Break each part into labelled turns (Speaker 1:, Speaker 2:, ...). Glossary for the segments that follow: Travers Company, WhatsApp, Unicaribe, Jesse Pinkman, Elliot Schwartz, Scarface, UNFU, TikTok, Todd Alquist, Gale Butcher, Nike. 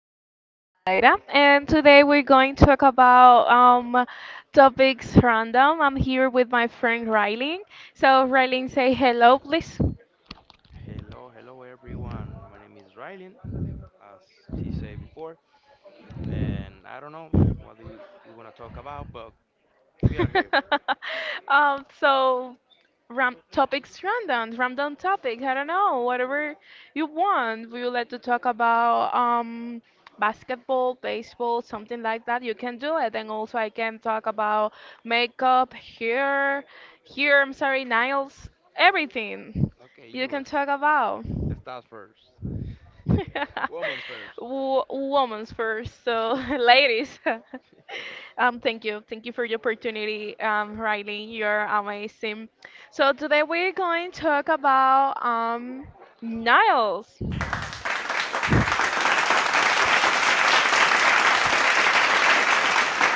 Speaker 1: name is Daira, and today we're going to talk about topics random. I'm here with my friend Riley. So, Riley, say hello, please.
Speaker 2: Hello, hello everyone. My name is Rylan, as she said before, and I don't know what do we gonna talk about, but we are here.
Speaker 1: um, so ram topics random, random topic. I don't know, whatever you want. We would like to talk about basketball, baseball, something like that. You can do it, and also I can talk about makeup, hair, here I'm sorry, nails, everything
Speaker 2: Okay,
Speaker 1: you
Speaker 2: you
Speaker 1: can
Speaker 2: is
Speaker 1: talk about.
Speaker 2: stars first, woman's first.
Speaker 1: Women's first, so ladies. Thank you. Thank you for the opportunity, Riley. You're amazing. So today we're going to talk about nails.
Speaker 2: Uh,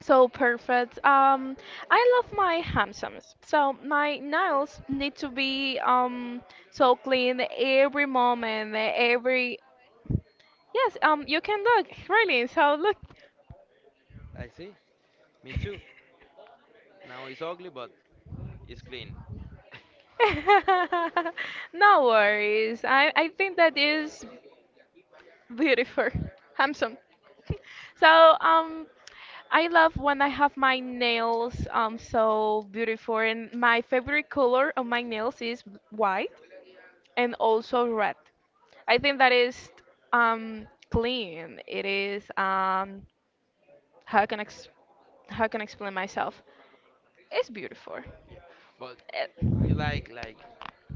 Speaker 1: So perfect. I love my handsomes. So my nails need to be so clean every moment, every yes. You can look really. So look.
Speaker 2: I see. Me too. Now it's ugly, but it's clean.
Speaker 1: No worries. I think that is beautiful, handsome. So I love when I have my nails so beautiful, and my favorite color of my nails is white and also red. I think that is clean. It is how can I ex how can I explain myself? It's beautiful.
Speaker 2: Yeah, but
Speaker 1: Eh,
Speaker 2: you like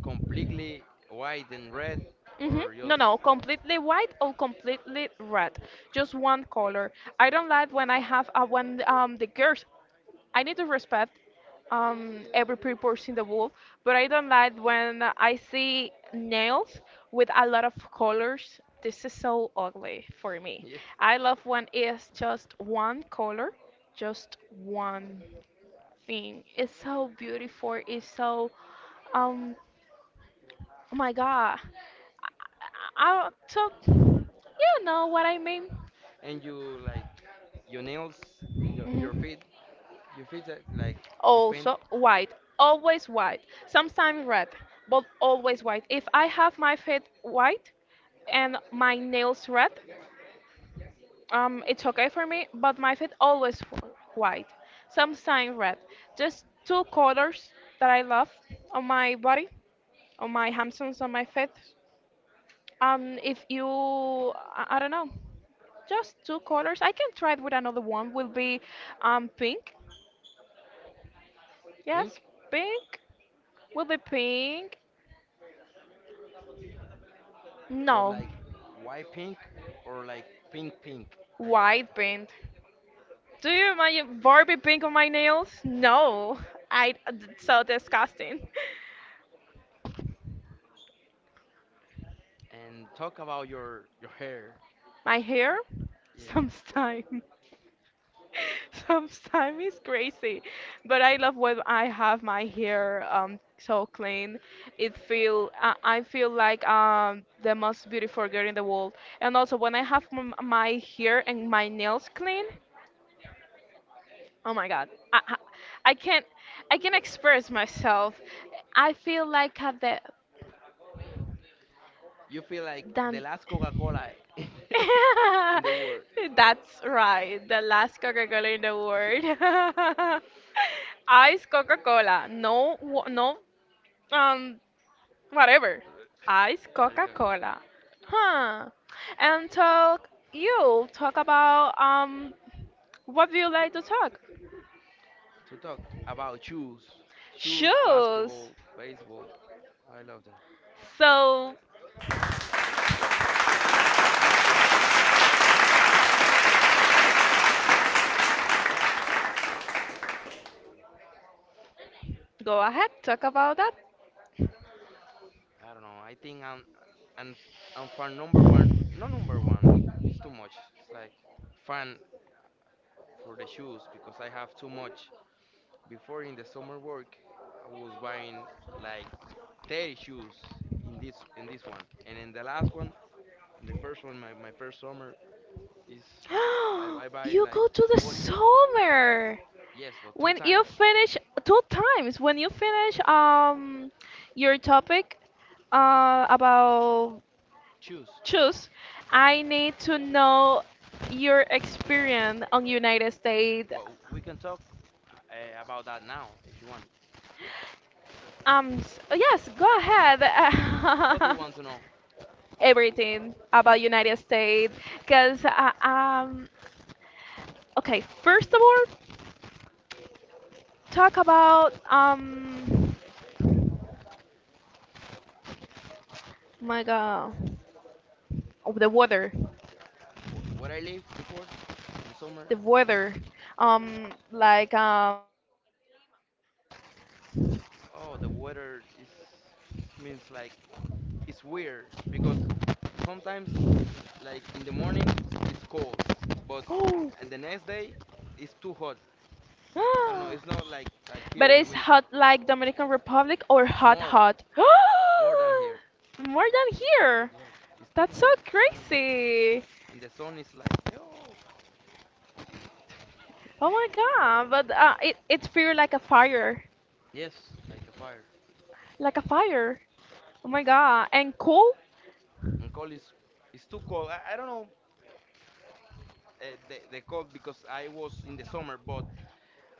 Speaker 2: completely white and red, or
Speaker 1: No,
Speaker 2: just
Speaker 1: no, completely white or completely red, just one color. I don't like when I have when the girls. I need to respect every purpose in the world, but I don't like when I see nails with a lot of colors. This is so ugly for me.
Speaker 2: yeah.
Speaker 1: I love when it's just one color, just one thing. It's so beautiful. It's so um oh my god. I so you know what I mean.
Speaker 2: And you like your nails in your
Speaker 1: Mhm.
Speaker 2: feet. You feel that like you paint
Speaker 1: Also white, always white. Sometimes red, but always white. If I have my feet white and my nails red, it's okay for me. But my feet always white. Sometimes red. Just two colors that I love on my body, on my hamstrings, on my feet. If you, I don't know. Just two colors. I can try it with another one. Will be pink. Yes,
Speaker 2: pink,
Speaker 1: pink. Will be pink.
Speaker 2: but
Speaker 1: No,
Speaker 2: like, why pink? Or like, pink pink? Like,
Speaker 1: white pink. Do you imagine Barbie pink on my nails? No, I so disgusting.
Speaker 2: and talk about your hair.
Speaker 1: My hair,
Speaker 2: Yeah,
Speaker 1: sometimes. Sometimes it's crazy, but I love when I have my hair so clean. I feel like the most beautiful girl in the world. And also when I have my hair and my nails clean, oh my God, I can't I can express myself. I feel like at the
Speaker 2: you feel like the
Speaker 1: than
Speaker 2: last Coca-Cola in the world.
Speaker 1: That's right, the last Coca-Cola in the world. Ice Coca-Cola. No, um, whatever. Ice
Speaker 2: I got
Speaker 1: Coca-Cola. Huh. You talk about, what do you like to talk?
Speaker 2: to talk about shoes,
Speaker 1: Shoes.
Speaker 2: basketball, baseball. I love that.
Speaker 1: So go ahead, talk about that.
Speaker 2: I don't know. I think I'm. And and for number one, no, number one, it's too much. It's like fan for the shoes because I have too much. Before in the summer work, I was buying like 30 shoes in this one, and in the last one, in the first one, my first summer is I buy
Speaker 1: You
Speaker 2: like
Speaker 1: go to the
Speaker 2: 40.
Speaker 1: summer.
Speaker 2: Yes, for two
Speaker 1: When you
Speaker 2: times
Speaker 1: finish when you finish your topic about
Speaker 2: shoes.
Speaker 1: choose, I need to know your experience on United States.
Speaker 2: But we can talk about that now if you want.
Speaker 1: Yes, go ahead.
Speaker 2: What do you want to know?
Speaker 1: Everything about United States, because okay, first of all, talk about oh my God, oh,
Speaker 2: Where I live before in the summer?
Speaker 1: the weather, um like um.
Speaker 2: Oh, the weather is means like it's weird because sometimes like in the morning it's cold, but, and the next day it's too hot. I don't know. It's not like here
Speaker 1: But
Speaker 2: in
Speaker 1: it's
Speaker 2: Dominican.
Speaker 1: hot like Dominican Republic or hot
Speaker 2: More
Speaker 1: hot?
Speaker 2: more than here.
Speaker 1: More than here.
Speaker 2: Yeah, it's too
Speaker 1: That's so
Speaker 2: weird. I don't know.
Speaker 1: crazy.
Speaker 2: And the sun is like, yo.
Speaker 1: Oh my god. But
Speaker 2: Yo,
Speaker 1: it's feel like a fire,
Speaker 2: yes, like a fire.
Speaker 1: like a fire. Oh my
Speaker 2: Yes.
Speaker 1: god. And cool.
Speaker 2: And cold is, it's too cold. I don't know the cold because I was in the summer, but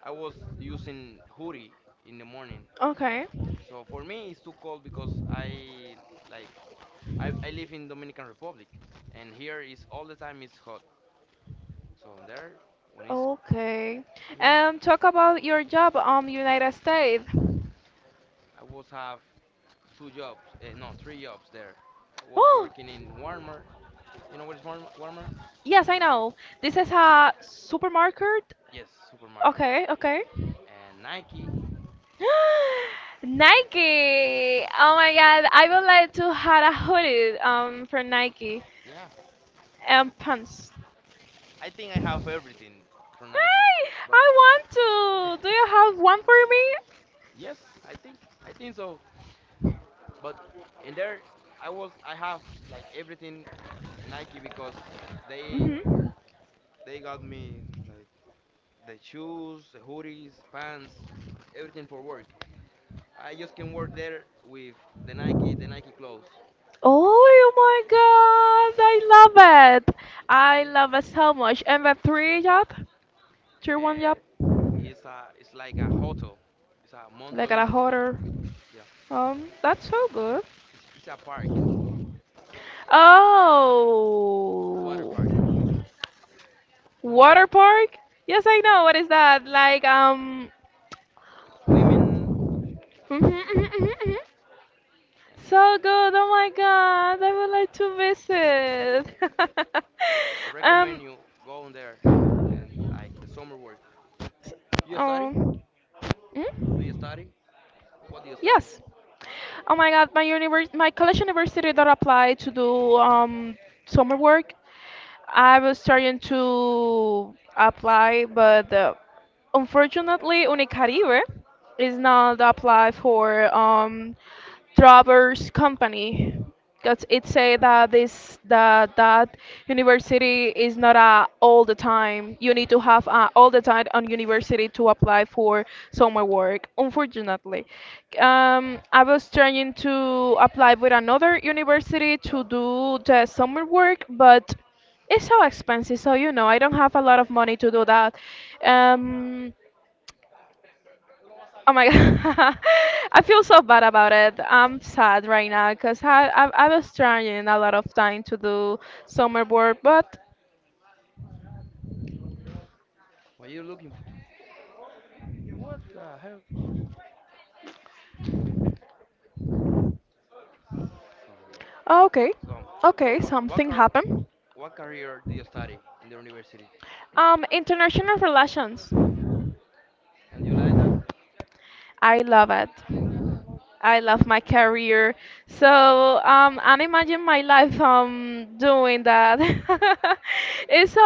Speaker 2: I was using hoodie in the morning.
Speaker 1: Okay.
Speaker 2: So for me, it's too cold because I, like, I live in Dominican Republic, and here is all the time it's hot. So there, when it's,
Speaker 1: Okay.
Speaker 2: you mean.
Speaker 1: Talk about your job United States.
Speaker 2: I was have two jobs, no, three jobs there. I was
Speaker 1: Oh
Speaker 2: working in Walmart. You know what is Walmart? Walmart?
Speaker 1: yes, I know. This
Speaker 2: And
Speaker 1: is a supermarket.
Speaker 2: yes, supermarket
Speaker 1: Okay. Okay.
Speaker 2: and Nike. And
Speaker 1: Nike. Oh my God,
Speaker 2: yeah,
Speaker 1: I would like to have a hoodie from Nike
Speaker 2: yeah.
Speaker 1: and pants.
Speaker 2: I think I have everything from Nike,
Speaker 1: Hey,
Speaker 2: but
Speaker 1: I want to. Do you have one for me?
Speaker 2: yes, I think I think so. But in there, I was, I have like everything Nike because they
Speaker 1: Hmm
Speaker 2: they got me like the shoes, the hoodies, pants, everything for work. I just can work there with the Nike clothes.
Speaker 1: Oh my God, I love it.
Speaker 2: Y-
Speaker 1: I
Speaker 2: Yeah,
Speaker 1: love it so much. And the three job, three one
Speaker 2: uh,
Speaker 1: job,
Speaker 2: it's like a hotel. It's a Mount
Speaker 1: like at a
Speaker 2: Olympus hotel.
Speaker 1: hoarder.
Speaker 2: Yeah,
Speaker 1: That's so good.
Speaker 2: it's a park, water
Speaker 1: Oh,
Speaker 2: park. You know what's
Speaker 1: water
Speaker 2: that?
Speaker 1: park. Yes, I
Speaker 2: Yeah,
Speaker 1: know. What is that? Like
Speaker 2: swimming
Speaker 1: mhm, mhm, mhm, mhm.
Speaker 2: and
Speaker 1: So good. Oh my god. I would like to visit.
Speaker 2: I
Speaker 1: um
Speaker 2: recommend you go on there and like the summer work. You study?
Speaker 1: oh.
Speaker 2: Do you
Speaker 1: Hmm?
Speaker 2: study? What do you study?
Speaker 1: Yes. Oh my god, my college university that applied to do summer work. I was trying to apply, but unfortunately, Unicaribe is not applied for Travers Company, because it
Speaker 2: Oh,
Speaker 1: say that this that that university is not a all the time. You need to have a all the time on university to apply for summer work. Unfortunately, I was trying to apply with another university to do the summer work, but it's so expensive. So you know, I don't have a lot of money to do that. Um, Oh my god, I feel so bad about it. I'm sad right now because I was trying a lot of time to do summer work, but
Speaker 2: what are you looking for? What the hell? So,
Speaker 1: okay,
Speaker 2: so, so,
Speaker 1: okay,
Speaker 2: what what
Speaker 1: something
Speaker 2: car
Speaker 1: happened.
Speaker 2: what career do you study in the university?
Speaker 1: International relations.
Speaker 2: And you like that?
Speaker 1: I love it. I love my career. So and imagine my life doing that. It's so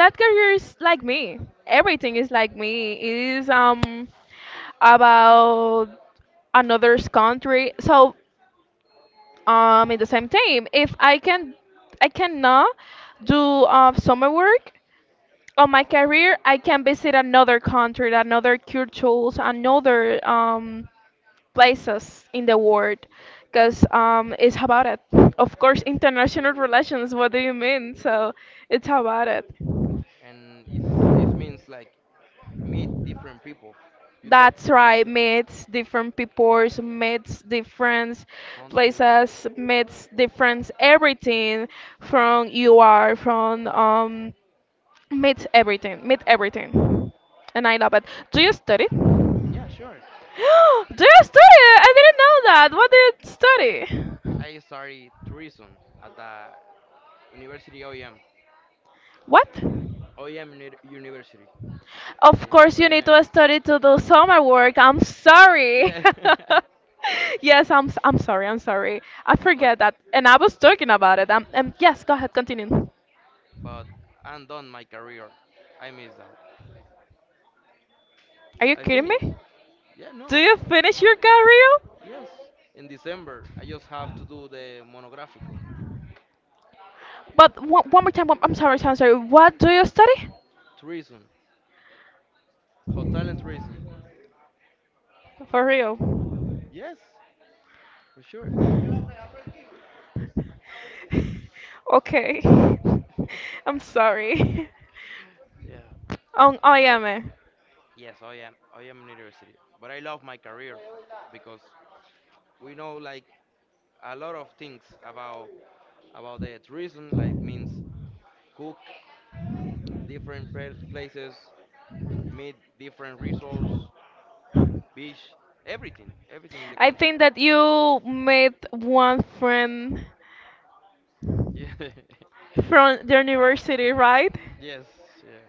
Speaker 1: that career is like me. Everything is like me. It is about another's country. So in the same time, if I can I cannot do summer work on my career, I can visit another country, another cultures, another places in the world because it's about it. Of course, international relations, what do you mean? So it's about it.
Speaker 2: And it means like meet different people. You talk
Speaker 1: That's
Speaker 2: with
Speaker 1: right,
Speaker 2: the
Speaker 1: meets different peoples, meets different
Speaker 2: countries.
Speaker 1: places, meets different everything from you are, from meets everything, meet everything. And I love it. Do you study? do
Speaker 2: Yeah, sure.
Speaker 1: you study? I didn't know that. What do you study?
Speaker 2: I study tourism at the University OEM.
Speaker 1: What?
Speaker 2: OEM University.
Speaker 1: Of course, you need
Speaker 2: ONM.
Speaker 1: to study to do summer work. I'm sorry.
Speaker 2: Yeah.
Speaker 1: yes, I'm sorry. I'm sorry. I
Speaker 2: but
Speaker 1: forget that. And I was talking about it. Yes, go ahead, continue.
Speaker 2: but I'm done my career. I miss that.
Speaker 1: Are you
Speaker 2: I
Speaker 1: kidding
Speaker 2: finished.
Speaker 1: me?
Speaker 2: Yeah,
Speaker 1: Do
Speaker 2: no.
Speaker 1: you finish your career?
Speaker 2: Yes. In December, I just have to do the monographical.
Speaker 1: But one, one more time, one, I'm sorry, I'm sorry. What do you study?
Speaker 2: Tourism. Hotel and tourism.
Speaker 1: For real.
Speaker 2: Yes, for sure.
Speaker 1: okay. I'm sorry.
Speaker 2: Yeah.
Speaker 1: I
Speaker 2: But I,
Speaker 1: am.
Speaker 2: yes, I am. I am in university. But I love my career because we know like a lot of things about the tourism. Like means cook different places, meat, different results, beach, everything, everything in the
Speaker 1: I
Speaker 2: country.
Speaker 1: think that you met one friend
Speaker 2: Yeah,
Speaker 1: from the university, right?
Speaker 2: yes, yeah.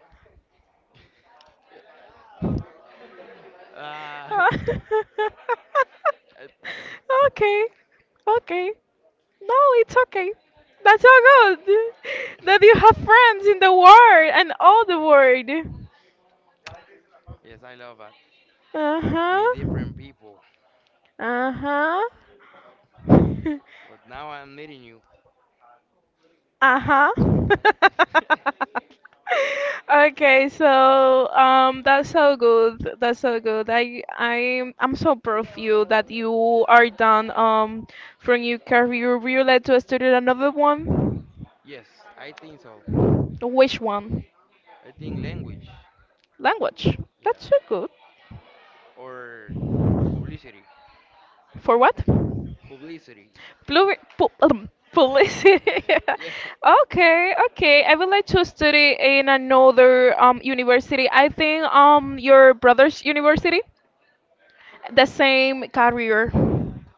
Speaker 2: Uh, it-
Speaker 1: okay, okay. No, it's okay. That's so good that you have friends in the world and all the world.
Speaker 2: yes, I love that.
Speaker 1: Uh
Speaker 2: Meet
Speaker 1: huh.
Speaker 2: different people.
Speaker 1: Uh huh.
Speaker 2: But now I'm meeting you.
Speaker 1: Uh-huh.
Speaker 2: And
Speaker 1: Okay, so that's so good. That's so good. I'm so proud of you that you are done from your career. Would you related to study another one.
Speaker 2: yes, I think so.
Speaker 1: Which one?
Speaker 2: I think language,
Speaker 1: Language.
Speaker 2: yeah,
Speaker 1: That's so good.
Speaker 2: or publicity,
Speaker 1: For what?
Speaker 2: publicity.
Speaker 1: Pluri pu publicity.
Speaker 2: Yeah,
Speaker 1: Okay, okay. I would like to study in another university. I think your brother's university. The same career.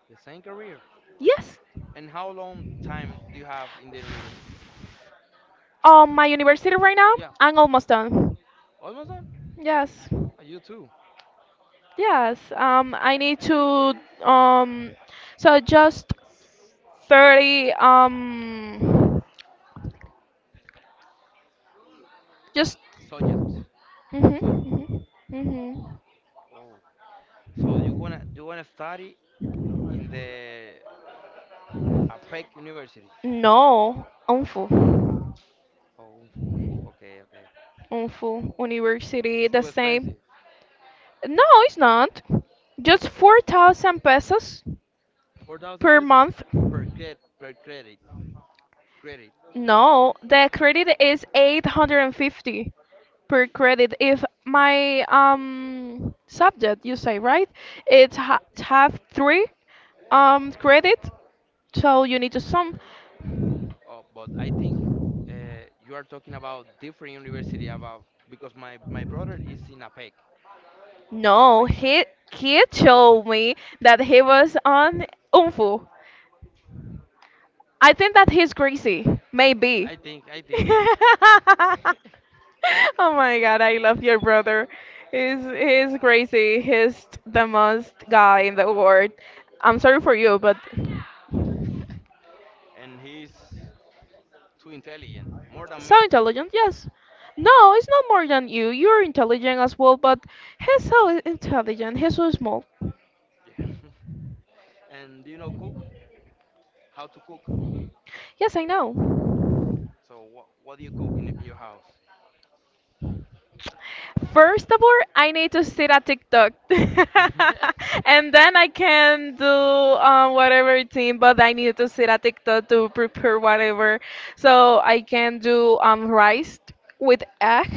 Speaker 2: the same career.
Speaker 1: Yes.
Speaker 2: And how long time do you have in the university?
Speaker 1: My university right now,
Speaker 2: Yeah,
Speaker 1: I'm almost done.
Speaker 2: almost done.
Speaker 1: Yes.
Speaker 2: Oh, you too.
Speaker 1: Yes. I need to um, so just 30 just
Speaker 2: Subjects,
Speaker 1: mhm
Speaker 2: subjects.
Speaker 1: mhm mhm.
Speaker 2: So you wanna study in the APEC University?
Speaker 1: No, UNFU.
Speaker 2: Oh, unfu. Okay, okay.
Speaker 1: UNFU University
Speaker 2: It's
Speaker 1: the
Speaker 2: too expensive.
Speaker 1: same. No, it's not. Just 4,000 pesos
Speaker 2: 4,000
Speaker 1: per
Speaker 2: pesos
Speaker 1: month.
Speaker 2: per credit per credit.
Speaker 1: No, the credit is 850 per credit. If my subject, you say, right?
Speaker 2: Yeah.
Speaker 1: It ha have three credit, so you need to sum.
Speaker 2: Oh, but I think uh, you are talking about different university about because my brother is in APEC, in
Speaker 1: No,
Speaker 2: APEC.
Speaker 1: he told me that he was on UNFU. I think that he's crazy, maybe.
Speaker 2: I think I think,
Speaker 1: Oh my god, I love your brother. He's crazy. He's the most guy in the world. I'm sorry for you, but
Speaker 2: and he's too intelligent, more than me.
Speaker 1: so intelligent, yes. No, it's not more than you. You're intelligent as well, but he's so intelligent. He's so small.
Speaker 2: Yeah. And do you know cook? How to cook?
Speaker 1: Yes, I know.
Speaker 2: So what do you cook in your house?
Speaker 1: First of all, I need to sit at TikTok, and then I can do whatever routine. But I need to sit at TikTok to prepare whatever, so I can do rice with egg,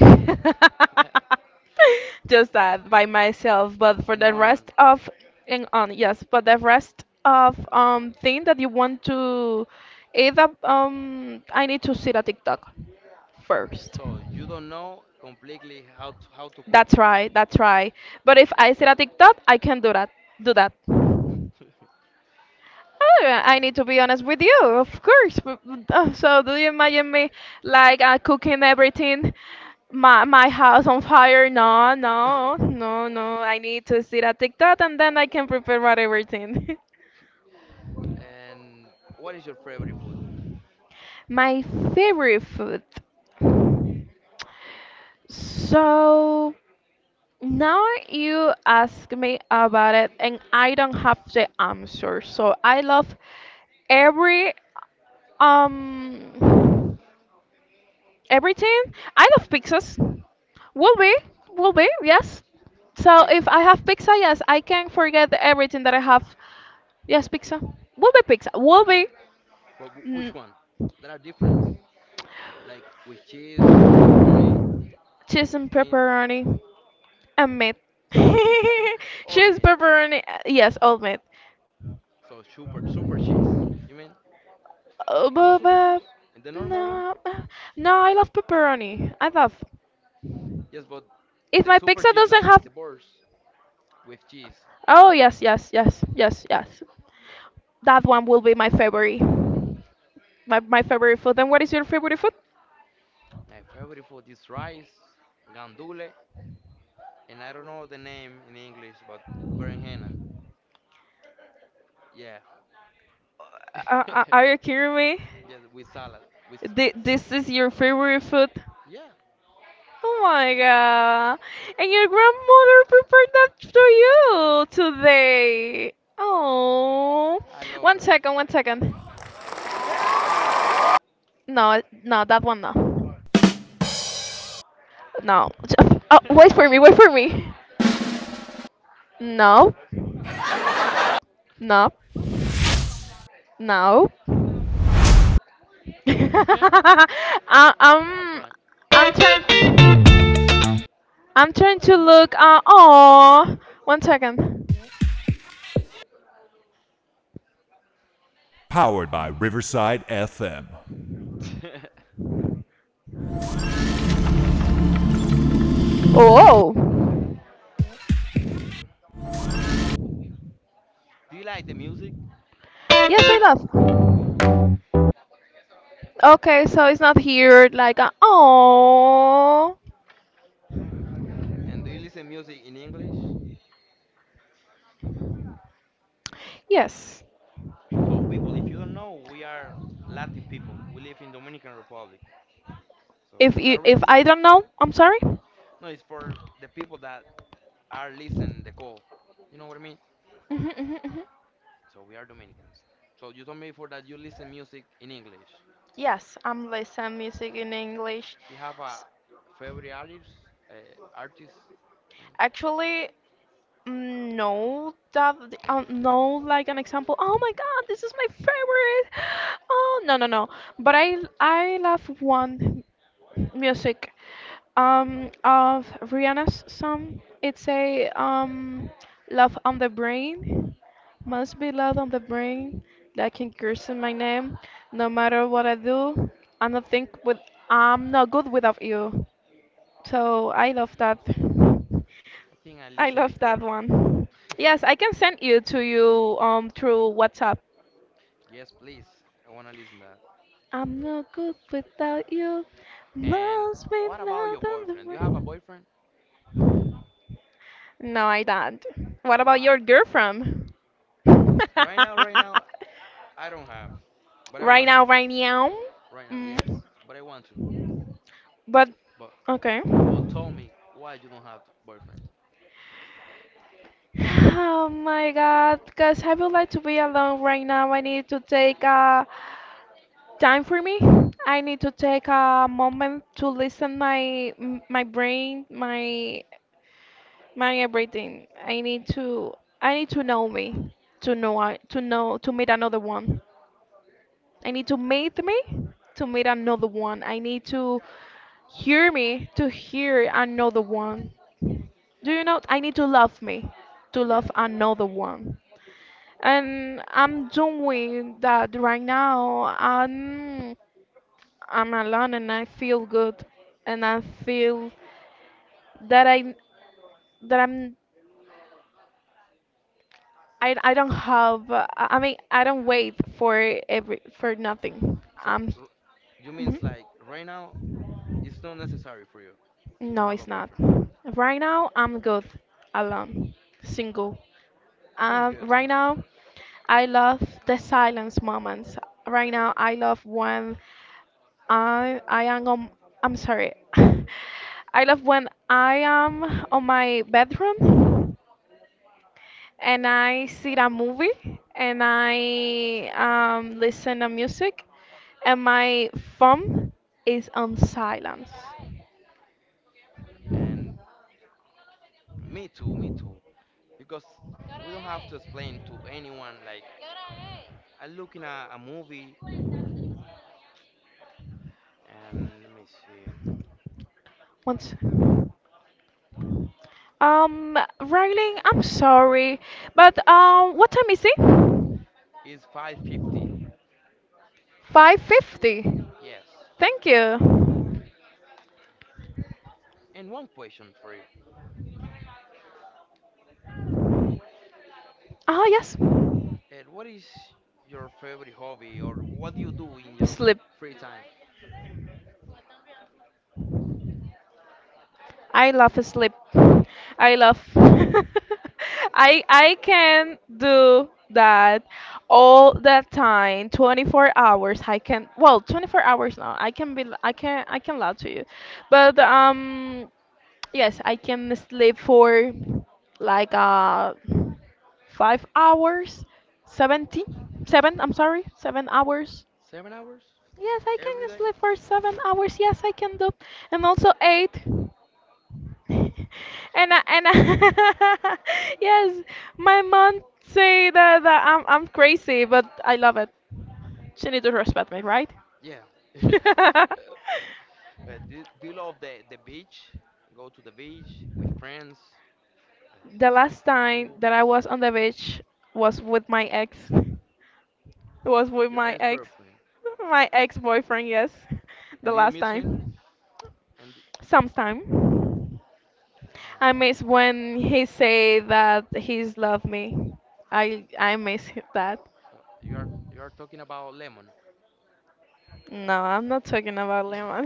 Speaker 1: just that by myself.
Speaker 2: an,
Speaker 1: But for
Speaker 2: an
Speaker 1: the
Speaker 2: onion.
Speaker 1: rest of and on, yes, but the rest of thing that you want to eat, I need to sit at TikTok first.
Speaker 2: So you don't know completely how to cook.
Speaker 1: That's right, that's right. But if I see a TikTok, I can do that. Do that. Oh,
Speaker 2: Oh
Speaker 1: I
Speaker 2: my
Speaker 1: need to be
Speaker 2: god.
Speaker 1: honest with you, of course. So do you
Speaker 2: Yeah.
Speaker 1: imagine me like cooking everything, my house on fire? No, no, no, no. I need to see that TikTok and then I can prepare whatever thing.
Speaker 2: And what is your favorite food?
Speaker 1: My favorite food. So now you ask me about it, and I don't have the answer. So I love every um everything. I love pizzas. Will be, will be, yes. So if
Speaker 2: Pizza.
Speaker 1: I have pizza, yes, I can forget everything that I have. Yes, pizza. Will be
Speaker 2: But
Speaker 1: mm,
Speaker 2: which one? There are different. Like, with cheese, pepperoni,
Speaker 1: cheese and
Speaker 2: meat,
Speaker 1: pepperoni and meat.
Speaker 2: all
Speaker 1: Cheese,
Speaker 2: meat.
Speaker 1: pepperoni, yes, all meat.
Speaker 2: So, super super cheese? You mean,
Speaker 1: Oh,
Speaker 2: no super
Speaker 1: but
Speaker 2: cheese? And the normal one?
Speaker 1: no, no, I love pepperoni. I love.
Speaker 2: Yes, but
Speaker 1: If my
Speaker 2: super
Speaker 1: pizza
Speaker 2: cheese
Speaker 1: doesn't
Speaker 2: like
Speaker 1: have,
Speaker 2: the bars with cheese.
Speaker 1: oh yes, yes, yes, yes, yes, that one will be my favorite. My favorite food. And what is your favorite food?
Speaker 2: My favorite food is rice, gandule, and I don't know the name in English, but berenjena. Yeah.
Speaker 1: Are you kidding me?
Speaker 2: Yes, with salad, with like that.
Speaker 1: This is your favorite food?
Speaker 2: Yeah,
Speaker 1: Oh my god! And your grandmother prepared that to you today. Oh,
Speaker 2: I love
Speaker 1: one
Speaker 2: her.
Speaker 1: second, one second. No, no, that one no. No. Oh, wait for me, wait for me. No, no, no. I,
Speaker 2: That's
Speaker 1: I'm,
Speaker 2: fine.
Speaker 1: I'm trying, I'm
Speaker 2: Oh
Speaker 1: trying
Speaker 2: yeah,
Speaker 1: to
Speaker 2: music.
Speaker 1: look. Oh, one second. Oh,
Speaker 2: Do you like the music?
Speaker 1: yes, I love. Okay, so it's not here.
Speaker 2: And do you listen music in English?
Speaker 1: Yes.
Speaker 2: So, people, if you don't know, we are Latin people. We live in Dominican Republic. So
Speaker 1: If
Speaker 2: for
Speaker 1: you,
Speaker 2: that
Speaker 1: if
Speaker 2: reason,
Speaker 1: I don't know, I'm sorry. Hmm
Speaker 2: no, it's for the people that are listening the call. You know what I mean?
Speaker 1: hmm hmm
Speaker 2: So we are Dominicans. So you told me before that you listen music in English.
Speaker 1: Yes, I'm listen music in English.
Speaker 2: Do you have a
Speaker 1: S-
Speaker 2: favorite artist? Uh, artist? I don't know.
Speaker 1: Actually, no, that no, like an example. Oh my God, this is my favorite. Oh no, no, no. But I love one music of Rihanna's song. It's a love on the brain. Must be love on the brain that can curse in my name. No matter what I do, I'm not think with I'm not good without you. So I love that.
Speaker 2: I think I
Speaker 1: I
Speaker 2: listened
Speaker 1: love that
Speaker 2: before.
Speaker 1: one. Yes, I can send you to you through WhatsApp.
Speaker 2: Yes, please. I wanna listen that.
Speaker 1: I'm no good without you.
Speaker 2: And
Speaker 1: Must be
Speaker 2: what about
Speaker 1: not
Speaker 2: your
Speaker 1: on the
Speaker 2: boyfriend? Do you have a
Speaker 1: brain.
Speaker 2: boyfriend?
Speaker 1: No, I don't. What about
Speaker 2: Why?
Speaker 1: your girlfriend?
Speaker 2: Right now, right now, I don't have, but I want to. Right now, yes, but I want to. But but tell me, why you don't have boyfriend? Yeah. So you means like right now it's not necessary for you to have a boyfriend. Sounds good, sounds good. And me too, me too. Because we don't have to explain to anyone like, I'm looking at a movie and let me see. It's 5:50. Yes. 5. And one question for you. Ed, what is your favorite hobby or what do you do in your free time? 7 hours every day? Yeah. Yeah. Do you love the beach? Go to the beach with friends, uh, and pool. Your ex-boyfriend. And do you miss him? And so you are talking about lemon.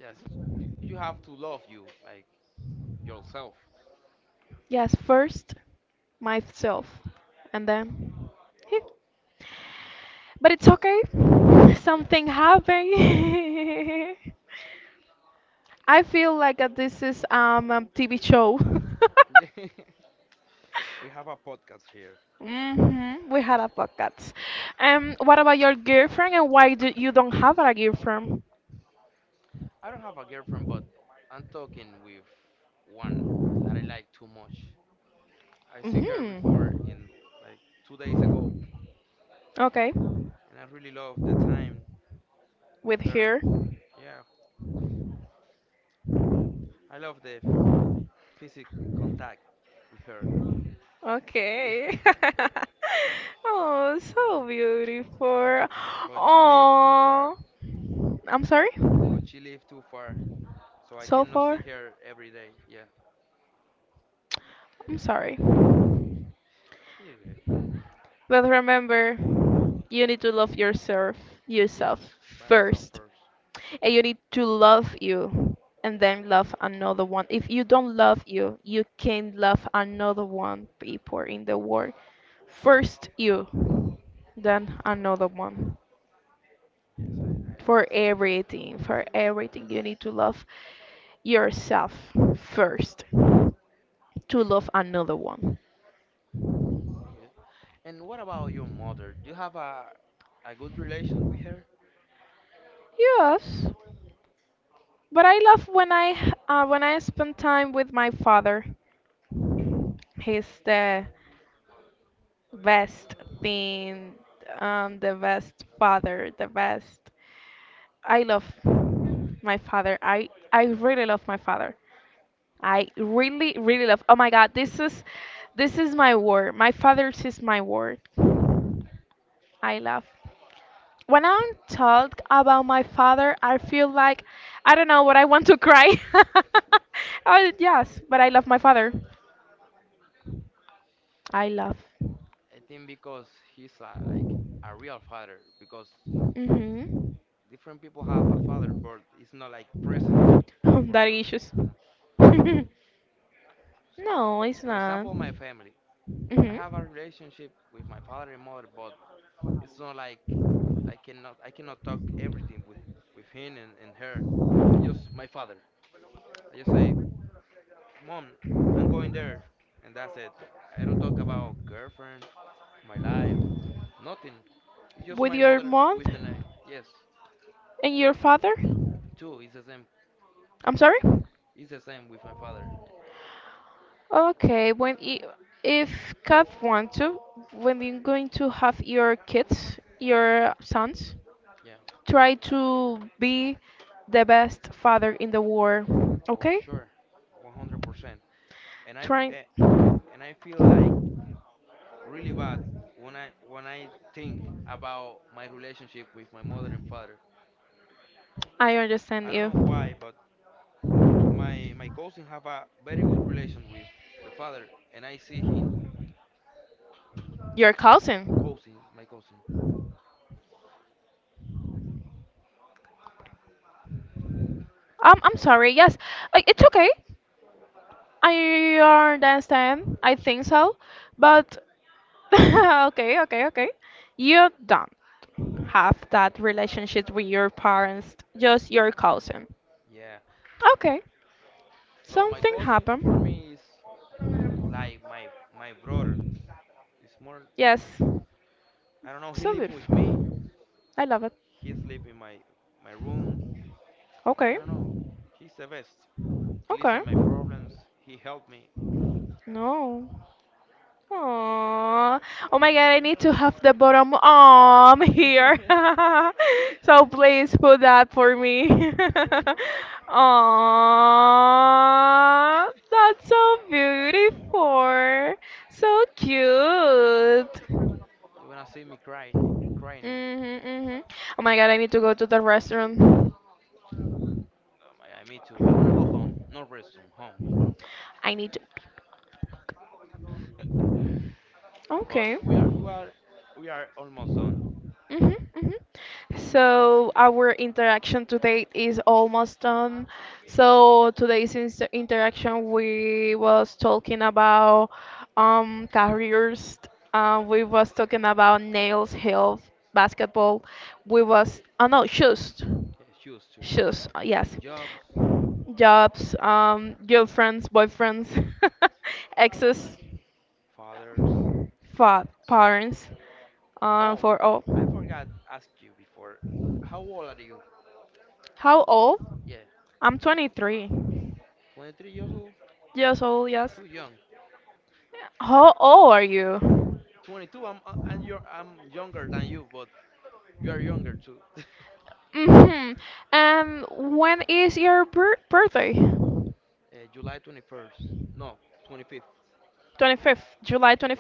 Speaker 2: Yeah. Yes. You have to love you like yourself. Yes. Yes. Yeah. We have a podcast here. I don't have a girlfriend, but I'm talking with one that I like too much. I see her before in like 2 days ago, and I really love the time with her. Yeah, I love the physical contact with her. Mm, but she lives too far, but she lives too far, so I cannot see her every day. Yeah, you good? Yes, by myself first. Yes, I understand that. You good? And what about your mother? Do you have a good relation with her? I think because he's like a real father, because different people have a father, but it's not like present for your. Uh, so, for example, my family. I have a relationship with my father and mother, but it's not like, I cannot talk everything with him and her. I just my father. I just say, "Mom, I'm going there," and that's it. I don't talk about girlfriend, my life, nothing. It's just my mother with the name. Yes, her. Too. It's the same. It's the same with my father. Yeah, for sure, 100%. And I f- eh, and I feel like really bad when I think about my relationship with my mother and father. I don't know why, but my cousin have a very good relation with the father, and I see him cousin, my cousin. So yeah, so my cousin for me is like my brother. It's more like, I don't know. He live with me. He sleep in my room. I don't know. He's the best. He listen my problems. He help me. No, like, you wanna see me crying, crying. No, I me too. I wanna go home, not restroom, home. But we are we are almost done. Yes, yes, used to jobs, fathers. Oh, I forgot ask you before. How old are you? Yeah, 23 years old. Too young. 22. I'm and you're I'm younger than you, but you are younger too. July 21st. No, 25th. Yeah.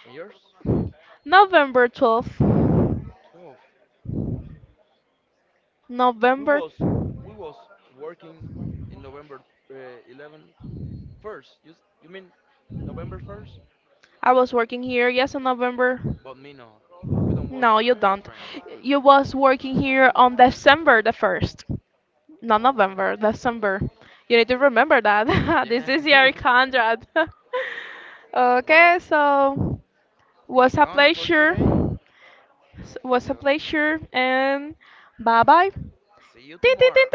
Speaker 2: And yours? 12. We was we was working in November uh, 11 first. You mean November 1st? But me no, we don't was a train. Oh, yeah. But we done for today. So, see you tomorrow.